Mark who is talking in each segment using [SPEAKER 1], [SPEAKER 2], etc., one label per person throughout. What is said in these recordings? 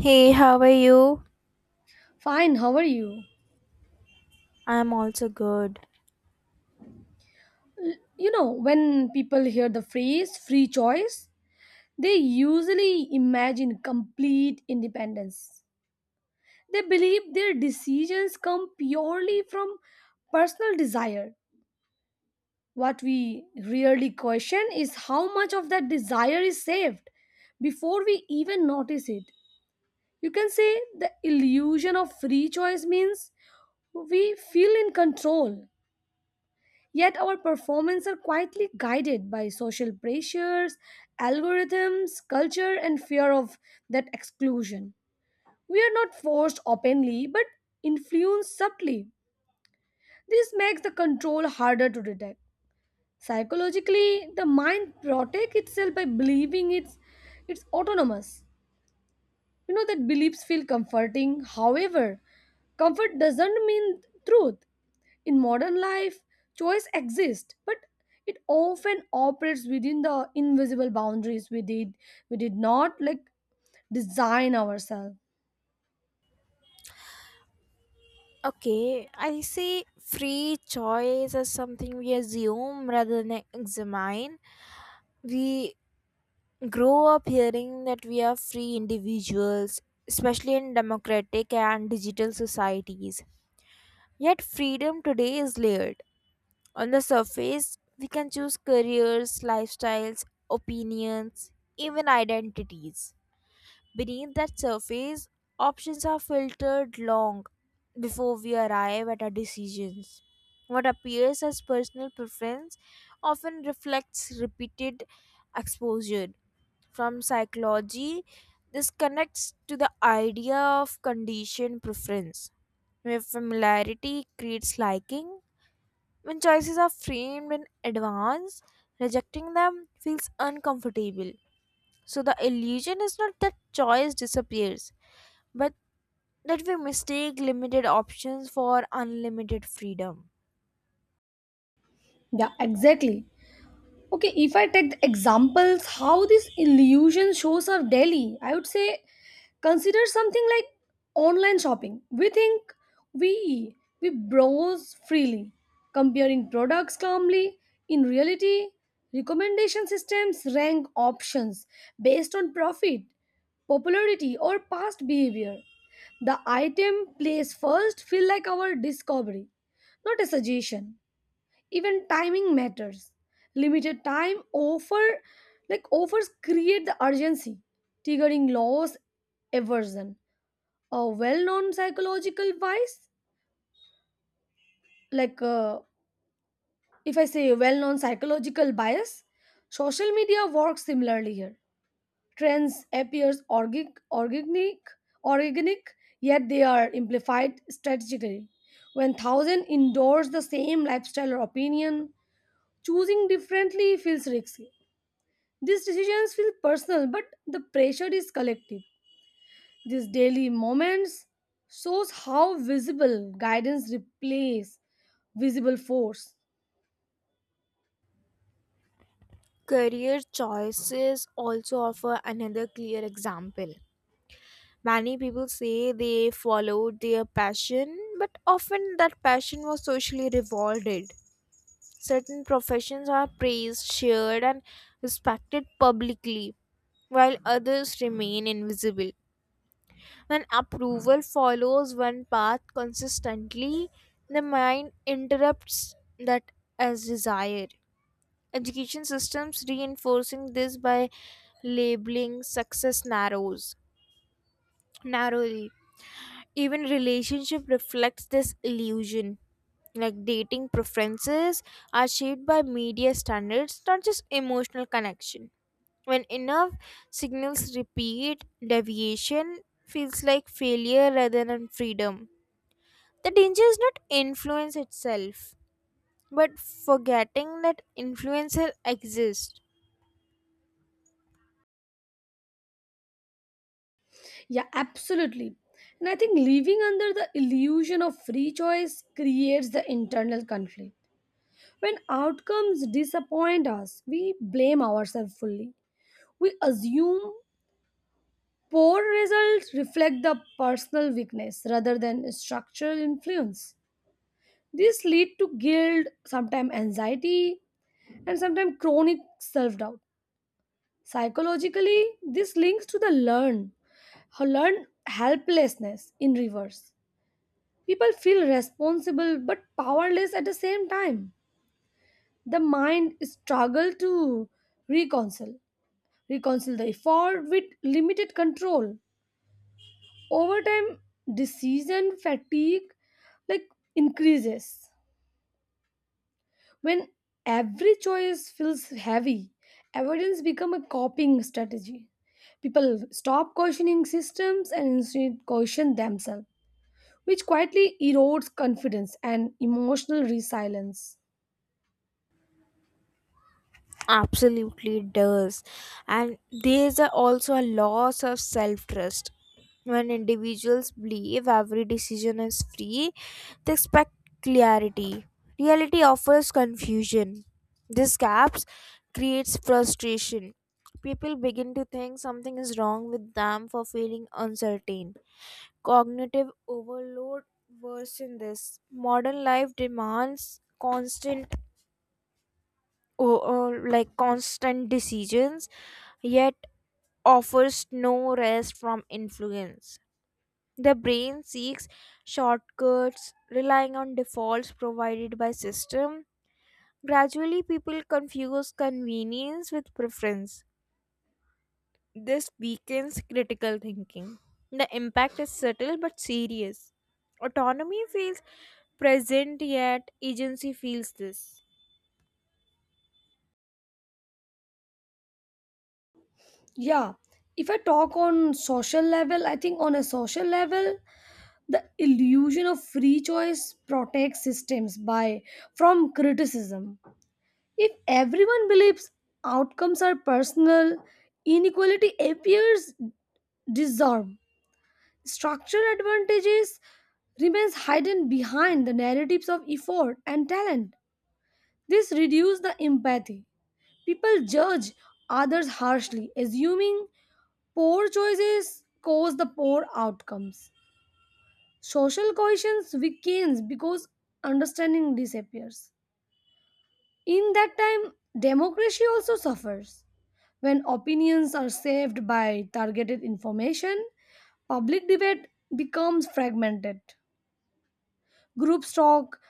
[SPEAKER 1] Hey, how are you?
[SPEAKER 2] Fine, how are you?
[SPEAKER 1] I'm also good.
[SPEAKER 2] You know, when people hear the phrase free choice, they usually imagine complete independence. They believe their decisions come purely from personal desire. What we really question is how much of that desire is saved before we even notice it. You can say the illusion of free choice means we feel in control. Yet our performance are quietly guided by social pressures, algorithms, culture, and fear of that exclusion. We are not forced openly but influenced subtly. This makes the control harder to detect. Psychologically, the mind protects itself by believing it's autonomous. You know that beliefs feel comforting. However, comfort doesn't mean truth. In modern life, choice exists, but it often operates within the invisible boundaries we did not like design ourselves.
[SPEAKER 1] Okay, I see free choice as something we assume rather than examine. We grow up hearing that we are free individuals, especially in democratic and digital societies. Yet, freedom today is layered. On the surface, we can choose careers, lifestyles, opinions, even identities. Beneath that surface, options are filtered long before we arrive at our decisions. What appears as personal preference often reflects repeated exposure. From psychology, this connects to the idea of conditioned preference, where familiarity creates liking. When choices are framed in advance, rejecting them feels uncomfortable. So the illusion is not that choice disappears, but that we mistake limited options for unlimited freedom.
[SPEAKER 2] Yeah, exactly. Okay, if I take the examples, how this illusion shows up daily, I would say consider something like online shopping. We think we we browse freely, comparing products calmly. In reality, recommendation systems rank options based on profit, popularity, or past behavior. The item placed first feel like our discovery, not a suggestion. Even timing matters. Limited time offer, offers create the urgency, triggering loss aversion, a well-known psychological bias, like if I say a well-known psychological bias. Social media works similarly here. Trends appears organic organic, yet they are amplified strategically. When thousand endorse the same lifestyle or opinion, choosing differently feels risky. These decisions feel personal, but the pressure is collective. These daily moments shows how visible guidance replaces visible force.
[SPEAKER 1] Career choices also offer another clear example. Many people say they followed their passion, but often that passion was socially rewarded. Certain professions are praised, shared, and respected publicly, while others remain invisible. When approval follows one path consistently, the mind interrupts that as desire. Education systems reinforcing this by labeling success narrows narrowly. Even relationship reflects this illusion. Like dating preferences are shaped by media standards, not just emotional connection. When enough signals repeat, deviation feels like failure rather than freedom. The danger is not influence itself, but forgetting that influencer exists.
[SPEAKER 2] Yeah, absolutely. And I think living under the illusion of free choice creates the internal conflict. When outcomes disappoint us, we blame ourselves fully. We assume poor results reflect the personal weakness rather than structural influence. This lead to guilt, sometimes anxiety, and sometimes chronic self-doubt. Psychologically, this links to the learn helplessness in reverse. People feel responsible but powerless at the same time. The mind struggles to reconcile, reconcile the effort with limited control. Over time, decision fatigue like increases. When every choice feels heavy, avoidance become a coping strategy. People stop questioning systems and instead question themselves, which quietly erodes confidence and emotional resilience.
[SPEAKER 1] Absolutely it does. And also a loss of self trust. When individuals believe every decision is free, they expect clarity. Reality offers confusion. These gaps creates frustration. People begin to think something is wrong with them for feeling uncertain. Cognitive overload worsen this. Modern life demands o- like constant decisions, yet offers no rest from influence. The brain seeks shortcuts, relying on defaults provided by system. Gradually, people confuse convenience with preference. This weakens critical thinking. The impact is subtle but serious. Autonomy feels present yet agency feels this.
[SPEAKER 2] Yeah, if I talk on social level, I think on a social level, the illusion of free choice protects systems by from criticism. If everyone believes outcomes are personal, inequality appears dissolve. Structural advantages remains hidden behind the narratives of effort and talent. This reduces the empathy. People judge others harshly, assuming poor choices cause the poor outcomes. Social cohesion weakens because understanding disappears. In that time, democracy also suffers. When opinions are saved by targeted information, public debate becomes fragmented. Groups talk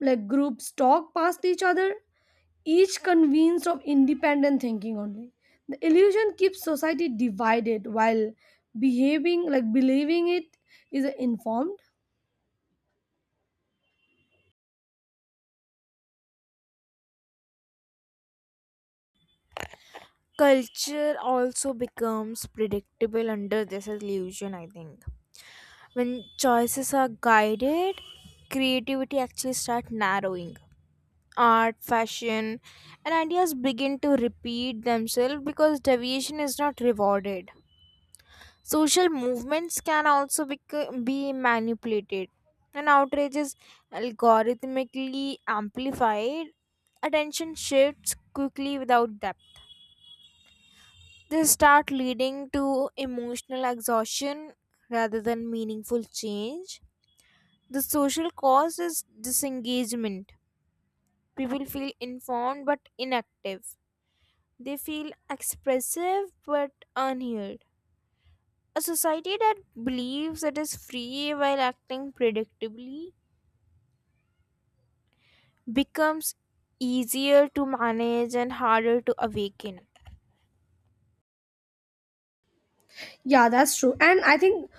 [SPEAKER 2] like groups talk past each other, each convinced of independent thinking only. The illusion keeps society divided while behaving like believing it is informed.
[SPEAKER 1] Culture also becomes predictable under this illusion, I think. When choices are guided, creativity actually starts narrowing. Art, fashion, and ideas begin to repeat themselves because deviation is not rewarded. Social movements can also be manipulated, and outrage is algorithmically amplified. Attention shifts quickly without depth. They start leading to emotional exhaustion rather than meaningful change. The social cause is disengagement. People feel informed but inactive. They feel expressive but unheard. A society that believes it is free while acting predictably becomes easier to manage and harder to awaken.
[SPEAKER 2] Yeah, that's true. And I think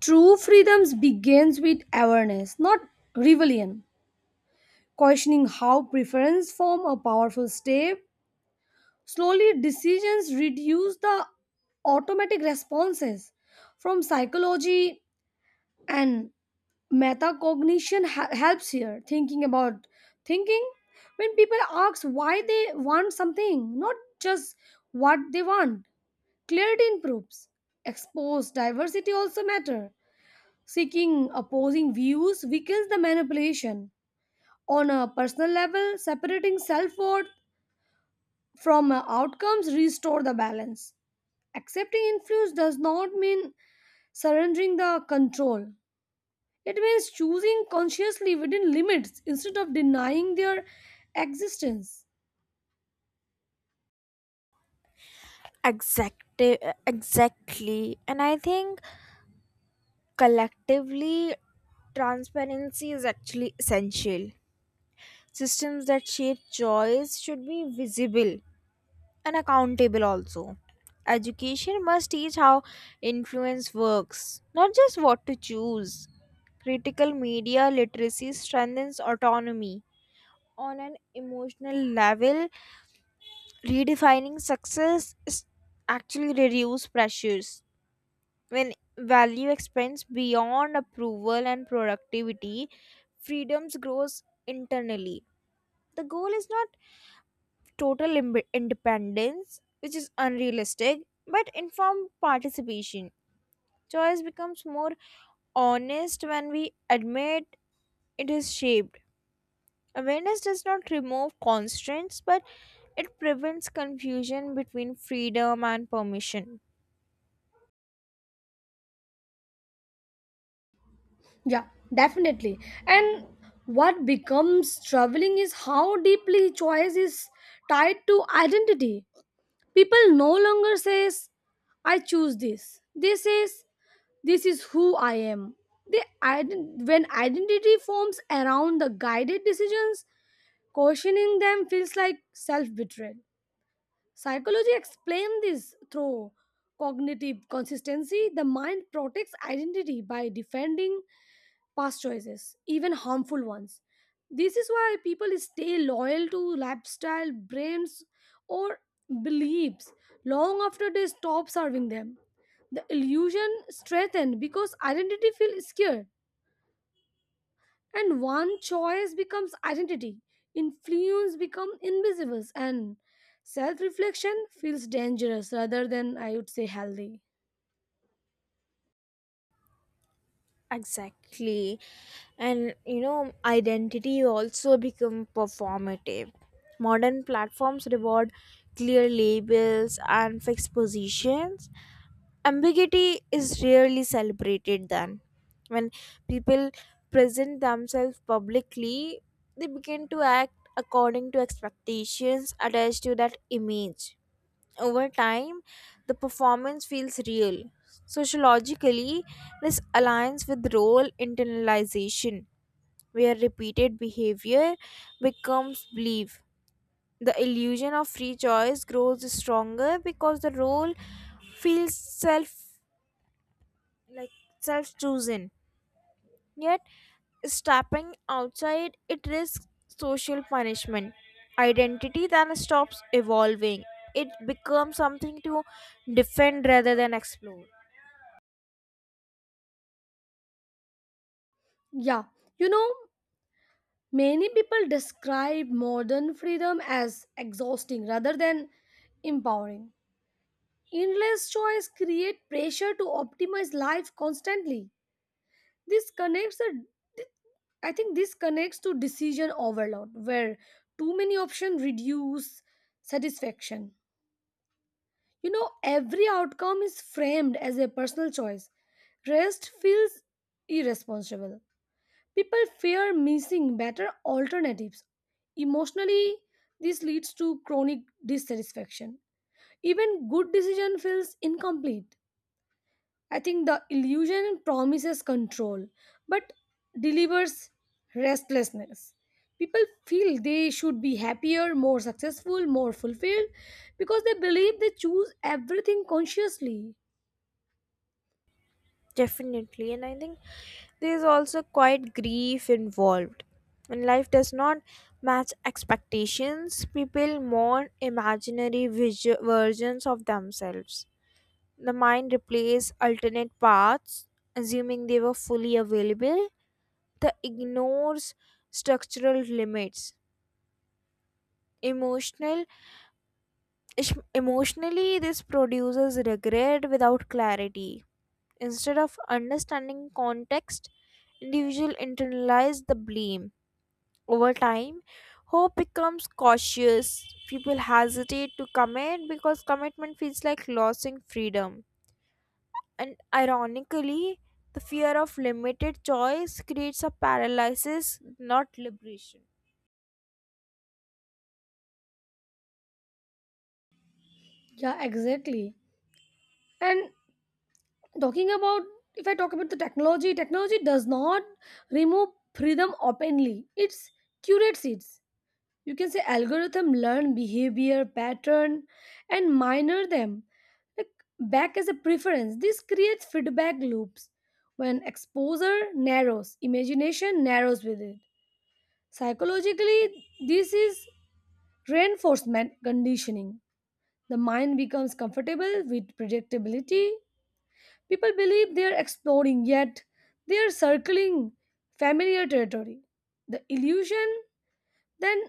[SPEAKER 2] true freedoms begins with awareness, not rebellion. Questioning how preference form a powerful step. Slowly decisions reduce the automatic responses. From psychology and metacognition helps here, thinking about thinking. When people ask why they want something, not just what they want, clarity improves. Expose diversity also matter. Seeking opposing views weakens the manipulation. On a personal level, separating self-worth from outcomes restore the balance. Accepting influence does not mean surrendering the control. It means choosing consciously within limits instead of denying their existence.
[SPEAKER 1] Exactly, exactly. And I think collectively, transparency is actually essential. Systems that shape choice should be visible and accountable also. Education must teach how influence works, not just what to choose. Critical media literacy strengthens autonomy. On an emotional level, redefining success is actually reduce pressures. When value expands beyond approval and productivity, freedoms grows internally. The goal is not total independence, which is unrealistic, but informed participation. Choice becomes more honest when we admit it is shaped. Awareness does not remove constraints, but it prevents confusion between freedom and permission.
[SPEAKER 2] Yeah, definitely. And what becomes troubling is how deeply choice is tied to identity. People no longer says, I choose this. They says, this is who I am. When identity forms around the guided decisions, questioning them feels like self-betrayal. Psychology explains this through cognitive consistency. The mind protects identity by defending past choices, even harmful ones. This is why people stay loyal to lifestyle, brands, or beliefs long after they stop serving them. The illusion strengthens because identity feels secure and one choice becomes identity. Influence become invisible and self-reflection feels dangerous rather than, I would say, healthy.
[SPEAKER 1] Exactly. And you know, identity also become performative. Modern platforms reward clear labels and fixed positions, ambiguity is rarely celebrated. Then when people present themselves publicly, they begin to act according to expectations attached to that image. Over time, the performance feels real. Sociologically, this aligns with role internalization, where repeated behavior becomes belief. The illusion of free choice grows stronger because the role feels like self-chosen. Yet, stepping outside it risks social punishment, identity then stops evolving. It becomes something to defend rather than explore.
[SPEAKER 2] Yeah, you know, many people describe modern freedom as exhausting rather than empowering. Endless choice create pressure to optimize life constantly. This connects the I think this connects to decision overload, where too many options reduce satisfaction. You know, every outcome is framed as a personal choice. Rest feels irresponsible. People fear missing better alternatives. Emotionally, this leads to chronic dissatisfaction. Even good decision feels incomplete. I think the illusion promises control but delivers restlessness. People feel they should be happier, more successful, more fulfilled because they believe they choose everything consciously.
[SPEAKER 1] Definitely, and I think there is also quite grief involved. When life does not match expectations, people mourn imaginary versions of themselves. The mind replaces alternate paths, assuming they were fully available. That ignores structural limits. emotional Emotionally, this produces regret without clarity. Instead of understanding context, individual internalize the blame. Over time, hope becomes cautious. People hesitate to commit because commitment feels like losing freedom, and ironically, the fear of limited choice creates a paralysis, not liberation.
[SPEAKER 2] Yeah, exactly. And talking about, if I talk about the technology, technology does not remove freedom openly, it curates it. You can say algorithm learn behavior pattern and minor them like back as a preference. This creates feedback loops. When exposure narrows, imagination narrows with it. Psychologically, this is reinforcement conditioning. The mind becomes comfortable with predictability. People believe they are exploring, yet they are circling familiar territory. The illusion then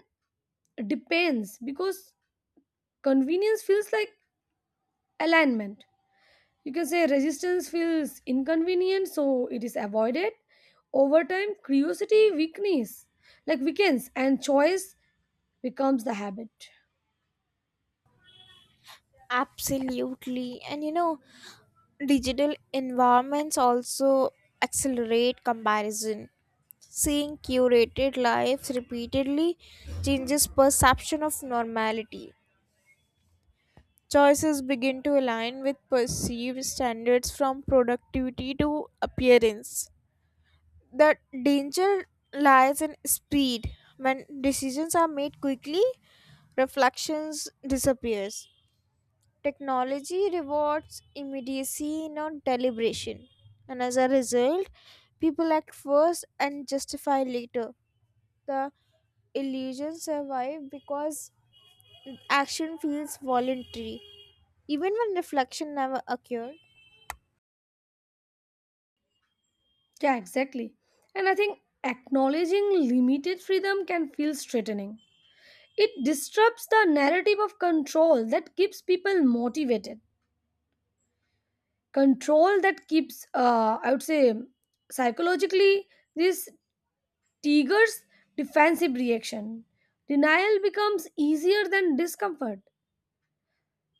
[SPEAKER 2] depends because convenience feels like alignment. You can say resistance feels inconvenient, so it is avoided. Over time, curiosity weakness, like weakens, and choice becomes the habit.
[SPEAKER 1] Absolutely. And you know, digital environments also accelerate comparison. Seeing curated lives repeatedly changes perception of normality. Choices begin to align with perceived standards from productivity to appearance. The danger lies in speed. When decisions are made quickly, reflections disappears. Technology rewards immediacy, not deliberation. And as a result, people act first and justify later. The illusion survives because action feels voluntary, even when reflection never occurred.
[SPEAKER 2] Yeah, exactly. And I think acknowledging limited freedom can feel threatening. It disrupts the narrative of control that keeps people motivated. Control that keeps, I would say, Psychologically, this Tiger's defensive reaction. Denial becomes easier than discomfort.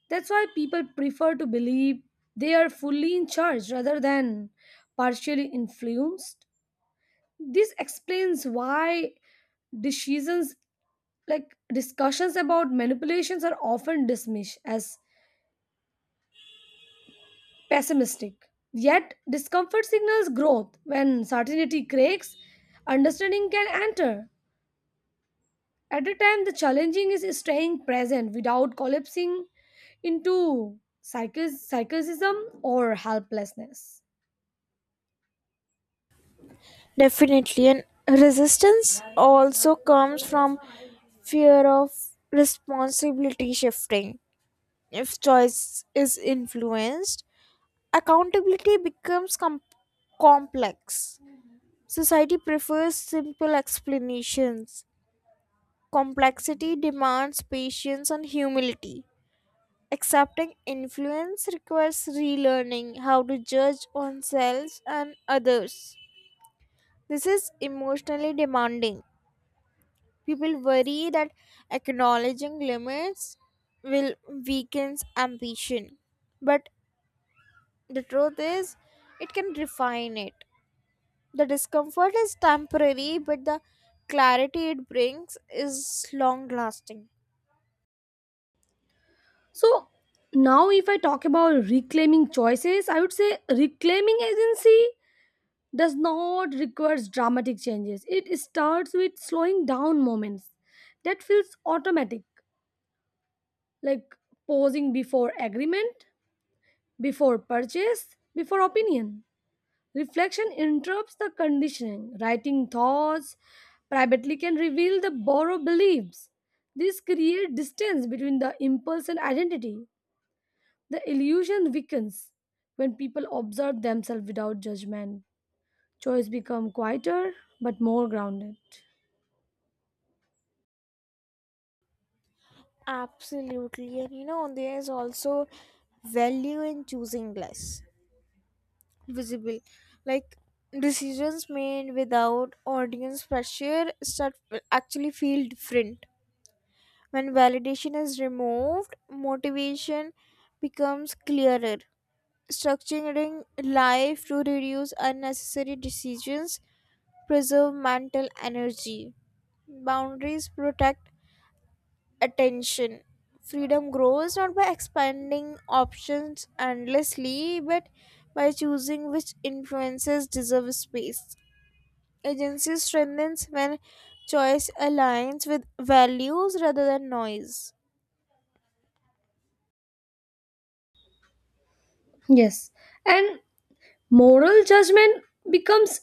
[SPEAKER 2] That's why people prefer to believe they are fully in charge rather than partially influenced. This explains why decisions like discussions about manipulations are often dismissed as pessimistic. Yet, discomfort signals growth. When certainty cracks, understanding can enter. At a time, the challenging is staying present without collapsing into psychicism or helplessness.
[SPEAKER 1] Definitely, and resistance also comes from fear of responsibility shifting. If choice is influenced, accountability becomes complex. Society prefers simple explanations. Complexity demands patience and humility. Accepting influence requires relearning how to judge oneself and others. This is emotionally demanding. People worry that acknowledging limits will weaken ambition. But the truth is, it can refine it. The discomfort is temporary, but the clarity it brings is long lasting.
[SPEAKER 2] So, now if I talk about reclaiming choices, I would say reclaiming agency does not require dramatic changes. It starts with slowing down moments that feels automatic, like pausing before agreement, before purchase, before opinion. Reflection interrupts the conditioning. Writing thoughts privately can reveal the borrowed beliefs. This creates distance between the impulse and identity. The illusion weakens when people observe themselves without judgment. Choice become quieter but more grounded.
[SPEAKER 1] Absolutely. And you know, there is also value in choosing less visible. Like decisions made without audience pressure start actually feel different. When validation is removed, motivation becomes clearer. Structuring life to reduce unnecessary decisions preserve mental energy. Boundaries protect attention. Freedom grows not by expanding options endlessly, but by choosing which influences deserve space. Agency strengthens when choice aligns with values rather than noise.
[SPEAKER 2] Yes, and moral judgment becomes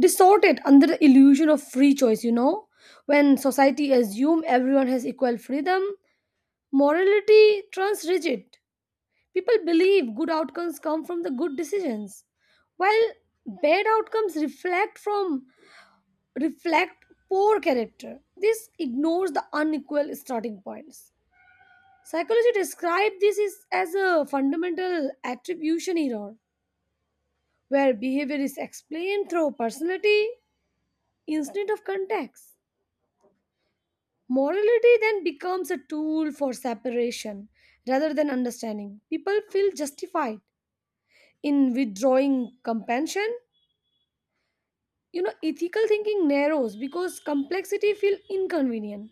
[SPEAKER 2] distorted under the illusion of free choice, you know. When society assumes everyone has equal freedom, morality turns rigid. People believe good outcomes come from the good decisions, while bad outcomes reflect poor character. This ignores the unequal starting points. Psychology describes this as a fundamental attribution error, where behavior is explained through personality instead of context. Morality then becomes a tool for separation rather than understanding. People feel justified in withdrawing compassion. You know, ethical thinking narrows because complexity feels inconvenient.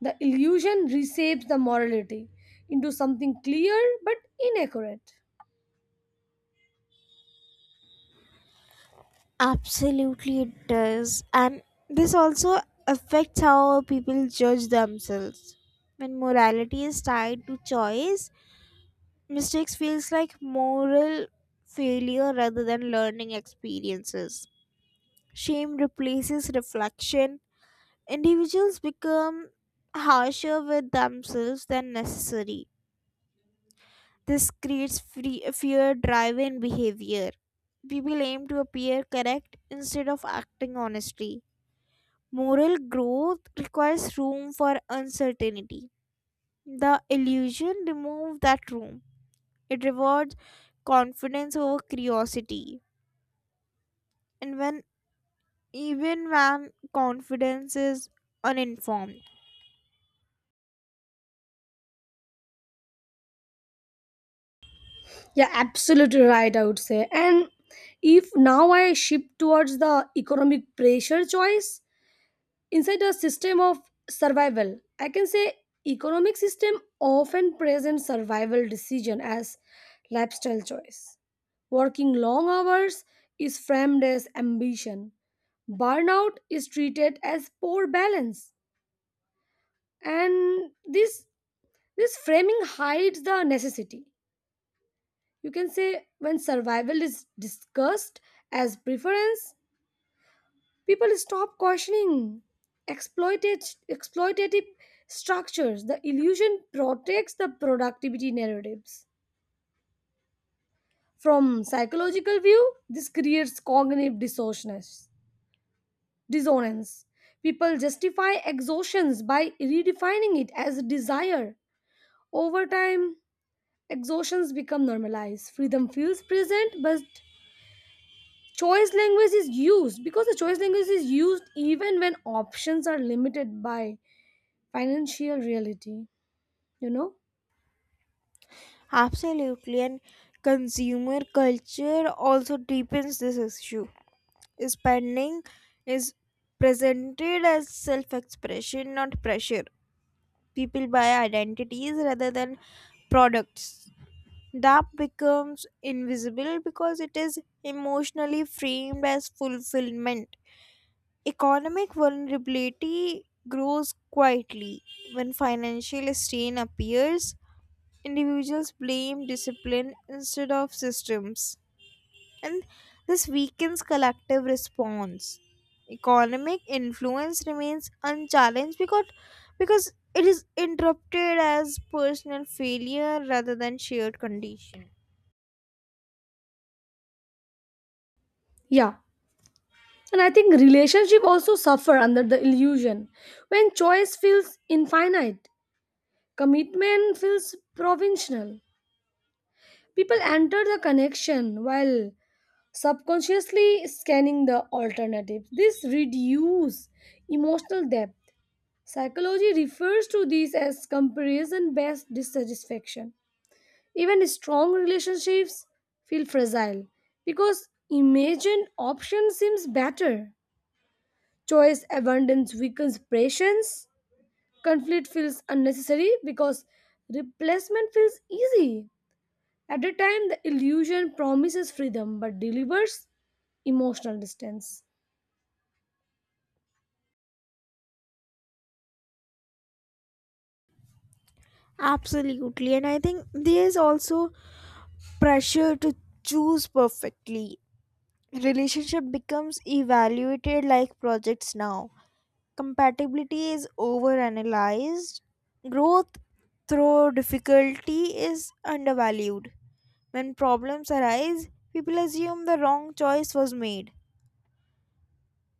[SPEAKER 2] The illusion reshapes the morality into something clear but inaccurate.
[SPEAKER 1] Absolutely, it does. And this also affects how people judge themselves. When morality is tied to choice, mistakes feels like moral failure rather than learning experiences. Shame replaces reflection. Individuals become harsher with themselves than necessary. This creates free, fear driven behavior. People aim to appear correct instead of acting honestly. Moral growth requires room for uncertainty. The illusion removes that room. It rewards confidence over curiosity, and when even when confidence is uninformed.
[SPEAKER 2] Yeah, absolutely right, I would say. And if now I shift towards the economic pressure choice, inside a system of survival, I can say economic system often present survival decision as lifestyle choice. Working long hours is framed as ambition. Burnout is treated as poor balance. And this this framing hides the necessity. You can say when survival is discussed as preference, people stop questioning exploited exploitative structures. The illusion protects the productivity narratives. From psychological view, this creates cognitive dissonance. People justify exhaustions by redefining it as desire. Over time, exhaustions become normalized. Freedom feels present, but choice language is used even when options are limited by financial reality, you know.
[SPEAKER 1] Absolutely, and consumer culture also deepens this issue. Spending is presented as self-expression, not pressure. People buy identities rather than products. That becomes invisible because it is emotionally framed as fulfillment. Economic vulnerability grows quietly. When financial strain appears, individuals blame discipline instead of systems, and this weakens collective response. Economic influence remains unchallenged because it is interrupted as personal failure rather than shared condition.
[SPEAKER 2] Yeah, and I think relationship also suffer under the illusion. When choice feels infinite, commitment feels provincial. People enter the connection while subconsciously scanning the alternatives. This reduce emotional depth. Psychology refers to this as comparison based dissatisfaction. Even strong relationships feel fragile because imagined option seems better. Choice abundance weakens patience. Conflict feels unnecessary because replacement feels easy. At a time, the illusion promises freedom but delivers emotional distance.
[SPEAKER 1] Absolutely, and I think there is also pressure to choose perfectly. Relationship becomes evaluated like projects now. Compatibility is overanalyzed. Growth through difficulty is undervalued. When problems arise, people assume the wrong choice was made.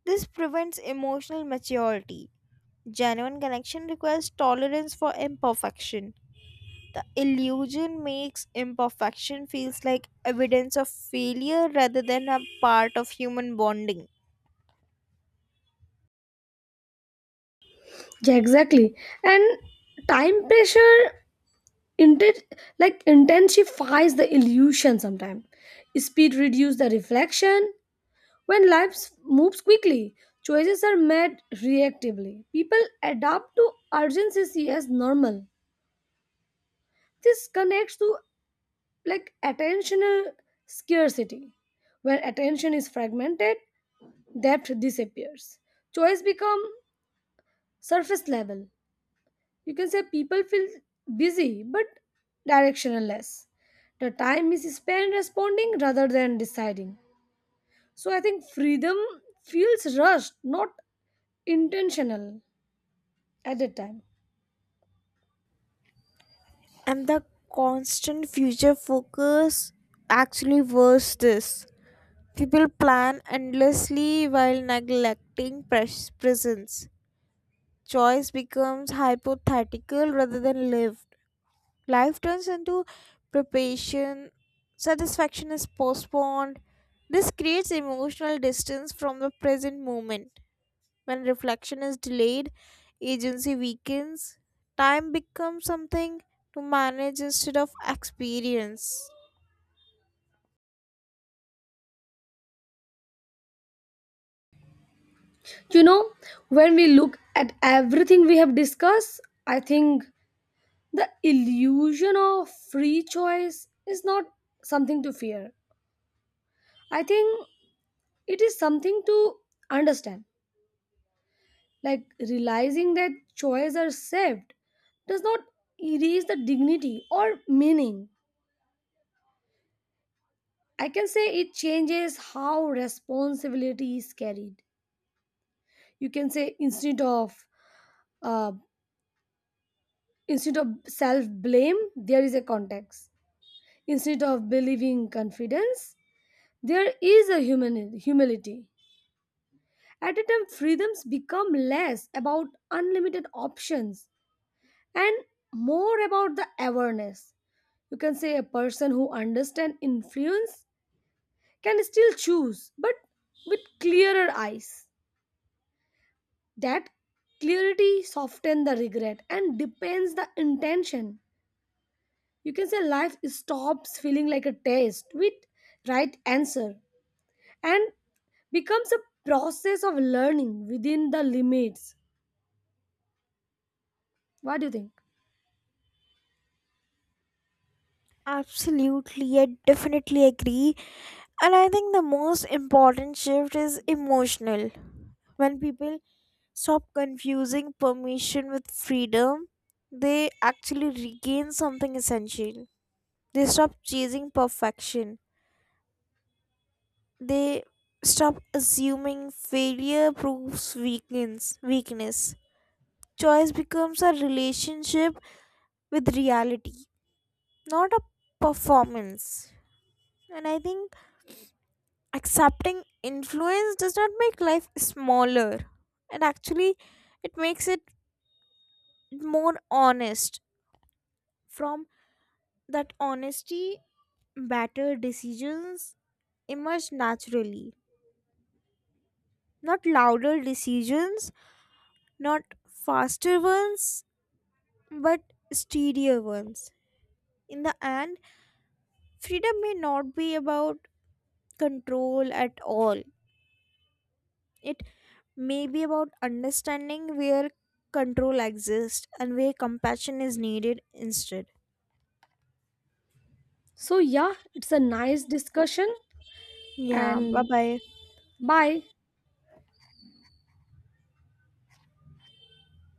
[SPEAKER 1] This prevents emotional maturity. Genuine connection requires tolerance for imperfection. The illusion makes imperfection feels like evidence of failure rather than a part of human bonding.
[SPEAKER 2] Yeah, exactly. And time pressure inten- intensifies the illusion sometimes. Speed reduces the reflection. When life moves quickly, choices are made reactively. People adapt to urgency as normal. This connects to like attentional scarcity. When attention is fragmented, depth disappears. Choice become surface level. You can say people feel busy but directionless. The time is spent responding rather than deciding. So I think freedom feels rushed, not intentional. At the time.
[SPEAKER 1] And the constant future focus actually worse this. People plan endlessly while neglecting presence. Choice becomes hypothetical rather than lived. Life turns into preparation. Satisfaction is postponed. This creates emotional distance from the present moment. When reflection is delayed, agency weakens, time becomes something to manage instead of experience.
[SPEAKER 2] You know, when we look at everything we have discussed, I think the illusion of free choice is not something to fear. I think it is something to understand. Like realizing that choices are saved does not erase the dignity or meaning. I can say it changes how responsibility is carried. You can say uh, instead of self blame, there is a context. Instead of believing confidence, there is a human humility. At a time, freedoms become less about unlimited options and more about the awareness. You can say a person who understands influence can still choose, but with clearer eyes. That clarity softens the regret and depends the intention. You can say life stops feeling like a test with right answer and becomes a process of learning within the limits. What do you think?
[SPEAKER 1] Absolutely, I definitely agree. And I think the most important shift is emotional. When people stop confusing permission with freedom, they actually regain something essential. They stop chasing perfection. They stop assuming failure proves weakness. Choice becomes a relationship with reality, not a performance. And I think accepting influence does not make life smaller. It actually it makes it more honest. From that honesty, better decisions emerge naturally. Not louder decisions, not faster ones, but steadier ones. In the end, freedom may not be about control at all. It may be about understanding where control exists and where compassion is needed instead.
[SPEAKER 2] So, yeah, it's a nice discussion,
[SPEAKER 1] Yeah, bye
[SPEAKER 2] and
[SPEAKER 1] bye.
[SPEAKER 2] bye.